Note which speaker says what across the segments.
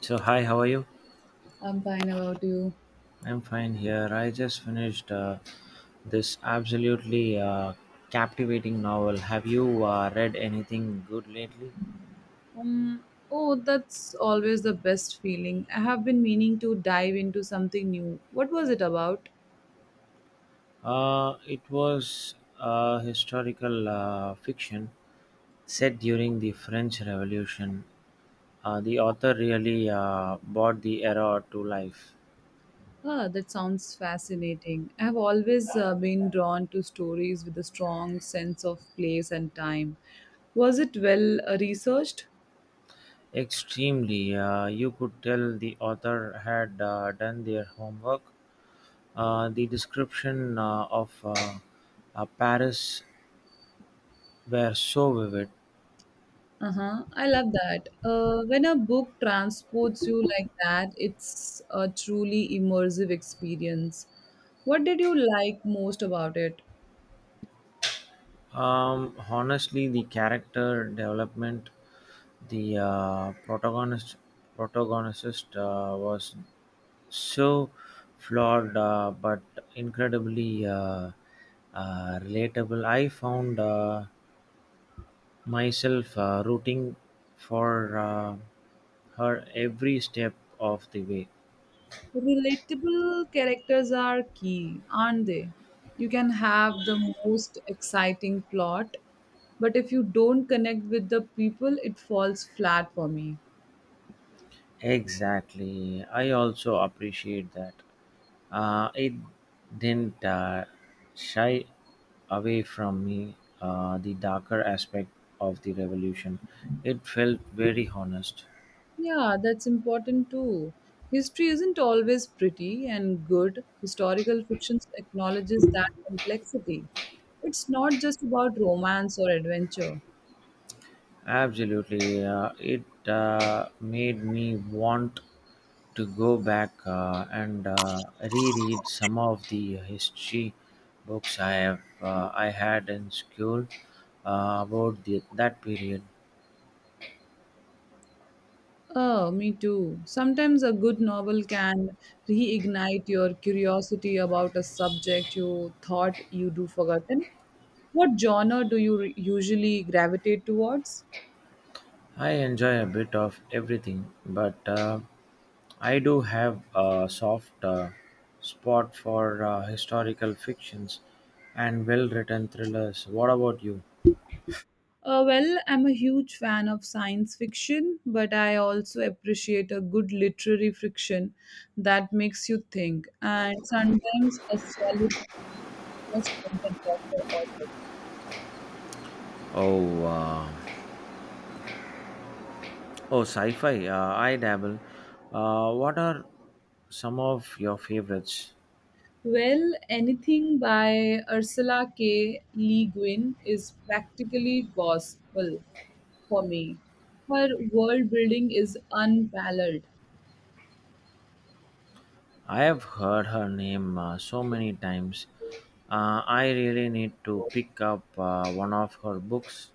Speaker 1: So, hi, how are you?
Speaker 2: I'm fine about you.
Speaker 1: I'm fine here. I just finished this absolutely captivating novel. Have you read anything good lately?
Speaker 2: Um, oh, that's always the best feeling. I have been meaning to dive into something new. What was it about?
Speaker 1: It was historical fiction set during the French Revolution. The author really brought the era to life.
Speaker 2: Ah, that sounds fascinating. I have always been drawn to stories with a strong sense of place and time. Was it well researched?
Speaker 1: Extremely. You could tell the author had done their homework. The descriptions of Paris were so vivid,
Speaker 2: Uh huh. I love that. When a book transports you like that, it's a truly immersive experience. What did you like most about it?
Speaker 1: um, honestly the character development, the protagonist was so flawed but incredibly relatable. I found myself rooting for her every step of the way.
Speaker 2: Relatable characters are key, aren't they? You can have the most exciting plot, but if you don't connect with the people, it falls flat for me.
Speaker 1: Exactly. I also appreciate that. It didn't shy away from me the darker aspect of the revolution. It felt very honest.
Speaker 2: Yeah, that's important too. History isn't always pretty and good. Historical fiction acknowledges that complexity. It's not just about romance or adventure.
Speaker 1: Absolutely. It made me want to go back and reread some of the history books I had in school about that period.
Speaker 2: Oh, me too. Sometimes a good novel can reignite your curiosity about a subject you thought you do forgotten. What genre do you usually gravitate towards?
Speaker 1: I enjoy a bit of everything, but I do have a soft spot for historical fictions and well written thrillers. What about you?
Speaker 2: Well, I'm a huge fan of science fiction, but I also appreciate a good literary fiction that makes you think, and sometimes a solid just like a doctor or a.
Speaker 1: Oh, oh, sci-fi. I dabble. What are some of your favorites?
Speaker 2: Well, anything by Ursula K. Le Guin is practically gospel for me. Her world building is unparalleled.
Speaker 1: I have heard her name so many times. I really need to pick up one of her books.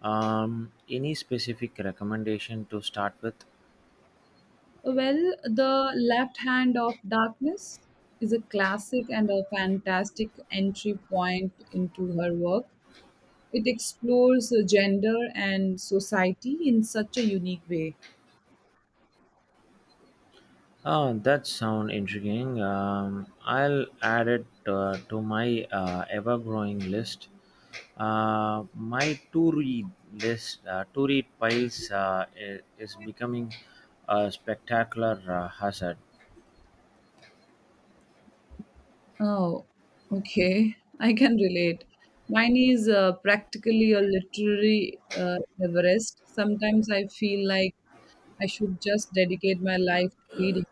Speaker 1: Any specific recommendation to start with?
Speaker 2: Well, The Left Hand of Darkness is a classic and a fantastic entry point into her work. It explores gender and society in such a unique way.
Speaker 1: Oh, that sound intriguing. I'll add it to my ever-growing list. My to-read list, to-read piles, is becoming a spectacular hazard.
Speaker 2: Oh, okay. I can relate. Mine is practically a literary Everest. Sometimes I feel like I should just dedicate my life to reading.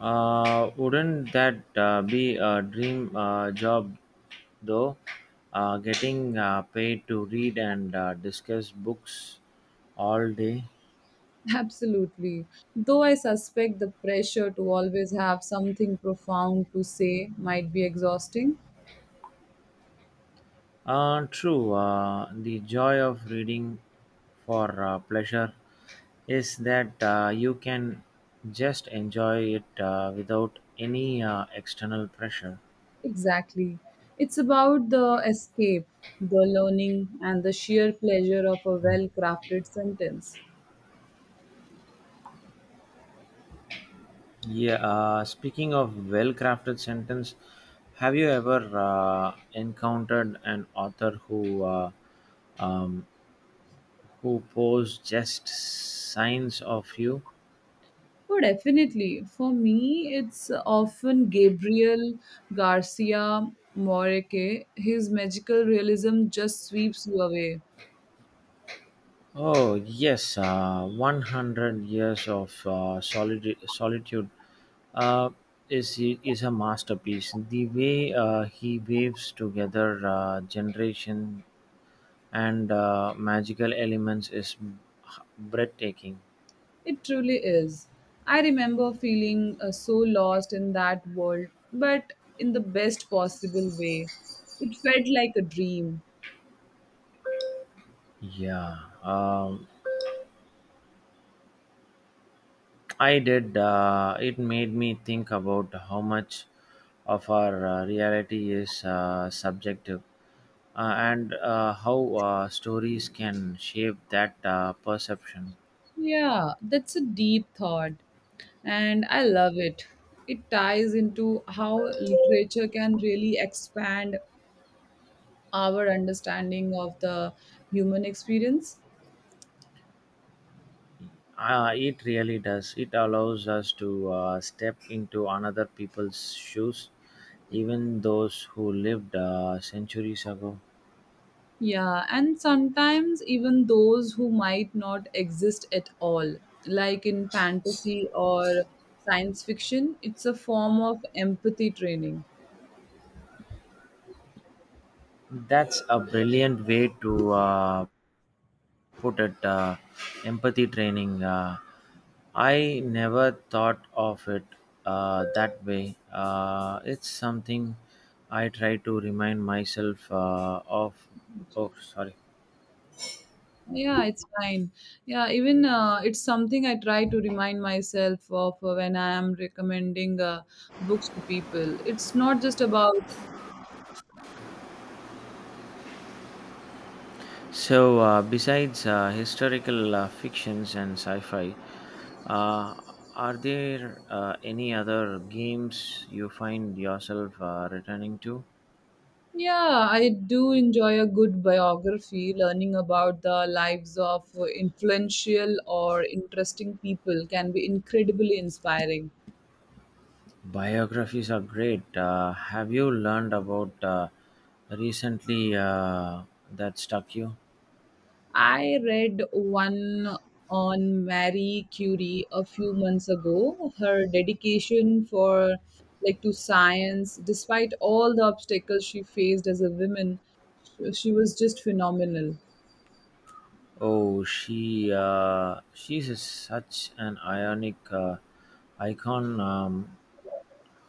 Speaker 1: Wouldn't that be a dream job, though? Getting paid to read and discuss books all day.
Speaker 2: Absolutely. Though I suspect the pressure to always have something profound to say might be exhausting.
Speaker 1: True, the joy of reading for pleasure is that you can just enjoy it without any external pressure.
Speaker 2: Exactly. It's about the escape, the learning, and the sheer pleasure of a well crafted sentence.
Speaker 1: Yeah, speaking of well crafted sentence, have you ever encountered an author um, who posed just signs of you?
Speaker 2: Oh, definitely. For me, it's often Gabriel Garcia Moreke. His magical realism just sweeps you away.
Speaker 1: Oh yes, one hundred years of solitude uh, is a masterpiece. The way he waves together generation and magical elements is breathtaking.
Speaker 2: It truly is. I remember feeling so lost in that world, but in the best possible way. It felt like a dream.
Speaker 1: Yeah, I did. It made me think about how much of our reality is subjective and how stories can shape that perception.
Speaker 2: Yeah, that's a deep thought, and I love it. It ties into how literature can really expand our understanding of the human experience.
Speaker 1: It really does. It allows us to step into another people's shoes, even those who lived centuries ago.
Speaker 2: Yeah, and sometimes even those who might not exist at all, like in fantasy or science fiction, it's a form of empathy training.
Speaker 1: That's a brilliant way to put it, empathy training. I never thought of it that way. It's something I try to remind myself of. Oh, sorry.
Speaker 2: Yeah, it's fine. Yeah, even it's something I try to remind myself of when I am recommending books to people. It's not just about.
Speaker 1: So, besides historical fictions and sci fi, uh, are there any other games you find yourself returning to?
Speaker 2: Yeah, I do enjoy a good biography. Learning about the lives of influential or interesting people can be incredibly inspiring.
Speaker 1: Biographies are great. Have you learned about recently that stuck you?
Speaker 2: I read one on Marie Curie a few months ago. Her dedication for like to science, despite all the obstacles she faced as a woman, she was just phenomenal.
Speaker 1: Oh, such an ionic icon. Um,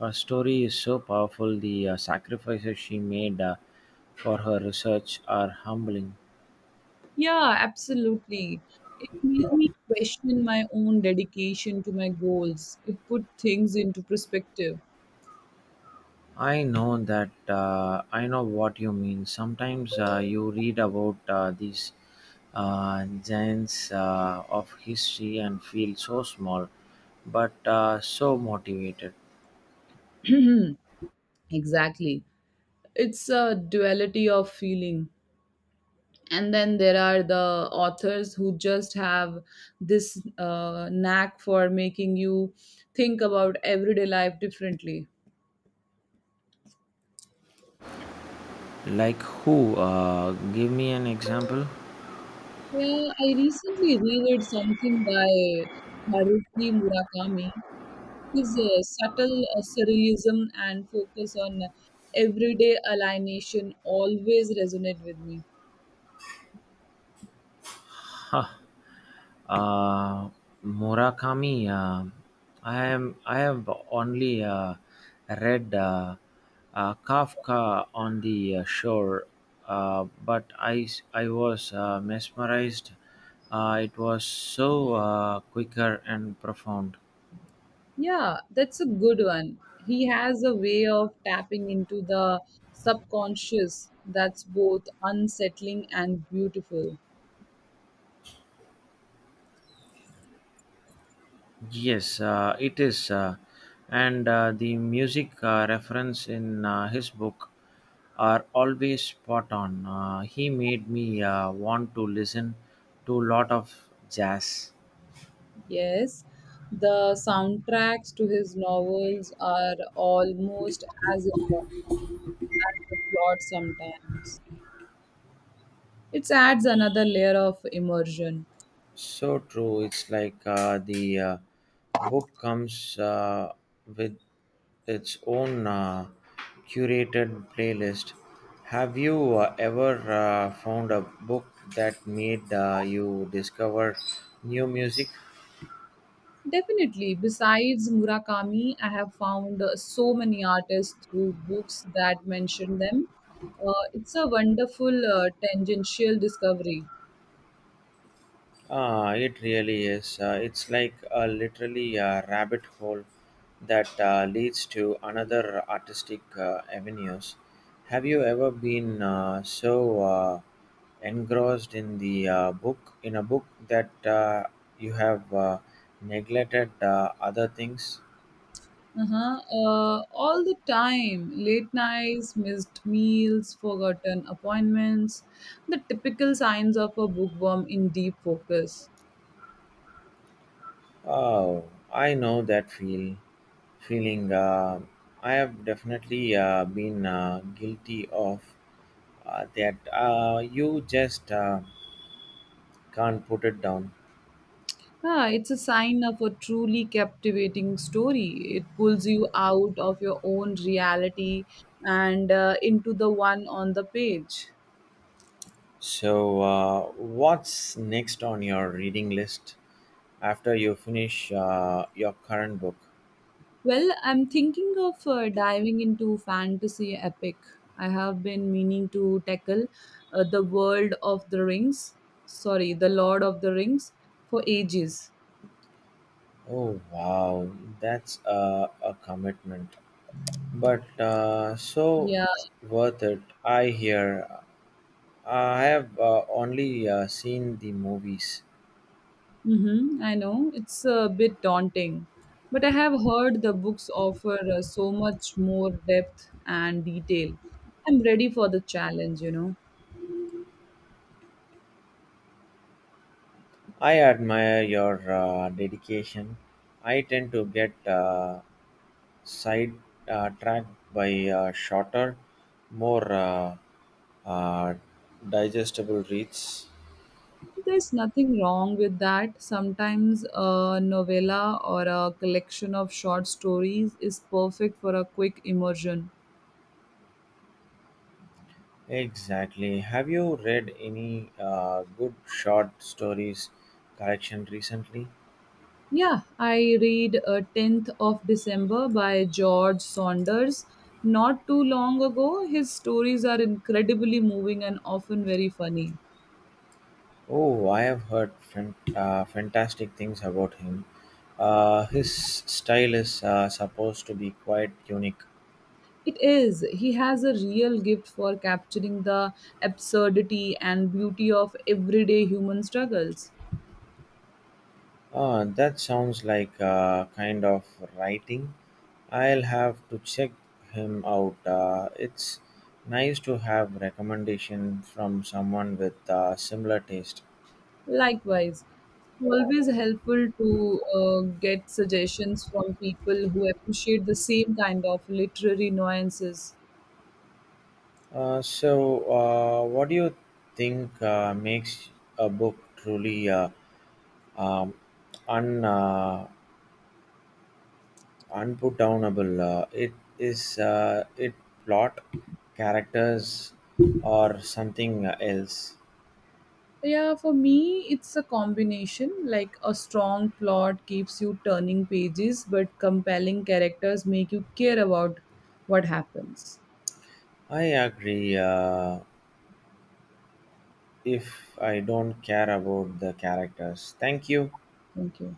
Speaker 1: her story is so powerful. The sacrifices she made for her research are humbling.
Speaker 2: Yeah, absolutely. It made me question my own dedication to my goals. It put things into perspective.
Speaker 1: I know what you mean. Sometimes you read about these giants of history and feel so small, but so motivated.
Speaker 2: Exactly. It's a duality of feeling. And then there are the authors who just have this knack for making you think about everyday life differently.
Speaker 1: Like who? Give me an example.
Speaker 2: Yeah, I recently reread something by Haruki Murakami. His subtle surrealism and focus on everyday alienation always resonate with me.
Speaker 1: Uh, Murakami, I have only read Kafka on the shore, but I was mesmerized. It was so quicker and profound.
Speaker 2: Yeah, that's a good one. He has a way of tapping into the subconscious that's both unsettling and beautiful.
Speaker 1: Yes, it is. And the music reference in his book are always spot on. He made me want to listen to a lot of jazz.
Speaker 2: Yes, the soundtracks to his novels are almost as important as the plot sometimes. It adds another layer of immersion.
Speaker 1: So true. It's like the book comes with its own curated playlist. Have you ever found a book that made you discover new music?
Speaker 2: Definitely. Besides Murakami, I have found so many artists through books that mention them. It's a wonderful tangential discovery.
Speaker 1: Ah, it really is. It's like literally a rabbit hole that leads to another artistic avenues. Have you ever been so engrossed in the book in a book that you have neglected other things?
Speaker 2: Uh-huh. All the time, late nights, missed meals, forgotten appointments, the typical signs of a bookworm in deep focus.
Speaker 1: Oh, I know that feeling. I have definitely been guilty of that. You just can't put it down.
Speaker 2: Ah, it's a sign of a truly captivating story. It pulls you out of your own reality and into the one on the page.
Speaker 1: So, what's next on your reading list after you finish your current book?
Speaker 2: Well, I'm thinking of diving into fantasy epic. I have been meaning to tackle the world of the rings, sorry, the Lord of the Rings for ages.
Speaker 1: Oh, wow, that's a commitment, but so
Speaker 2: Yeah.
Speaker 1: worth it. I hear. I have only seen the movies.
Speaker 2: Mm-hmm, I know it's a bit daunting, but I have heard the books offer so much more depth and detail. I'm ready for the challenge, you know.
Speaker 1: I admire your dedication. I tend to get side tracked by shorter, more uh, digestible reads.
Speaker 2: There's nothing wrong with that. Sometimes a novella or a collection of short stories is perfect for a quick immersion.
Speaker 1: Exactly. Have you read any good short stories collection recently?
Speaker 2: Yeah, I read 10th of December by George Saunders. Not too long ago, his stories are incredibly moving and often very funny.
Speaker 1: Oh, I have heard fantastic things about him. His style is supposed to be quite unique.
Speaker 2: It is. He has a real gift for capturing the absurdity and beauty of everyday human struggles.
Speaker 1: That sounds like kind of writing. I'll have to check him out. It's nice to have recommendation from someone with similar taste.
Speaker 2: Likewise, it's always helpful to get suggestions from people who appreciate the same kind of literary nuances.
Speaker 1: So, what do you think makes a book truly um, un unputdownable? It is it plot, characters, or something else?
Speaker 2: Yeah, for me, it's a combination. Like a strong plot keeps you turning pages, but compelling characters make you care about what happens.
Speaker 1: I agree. If I don't care about the characters, thank you.
Speaker 2: Thank you.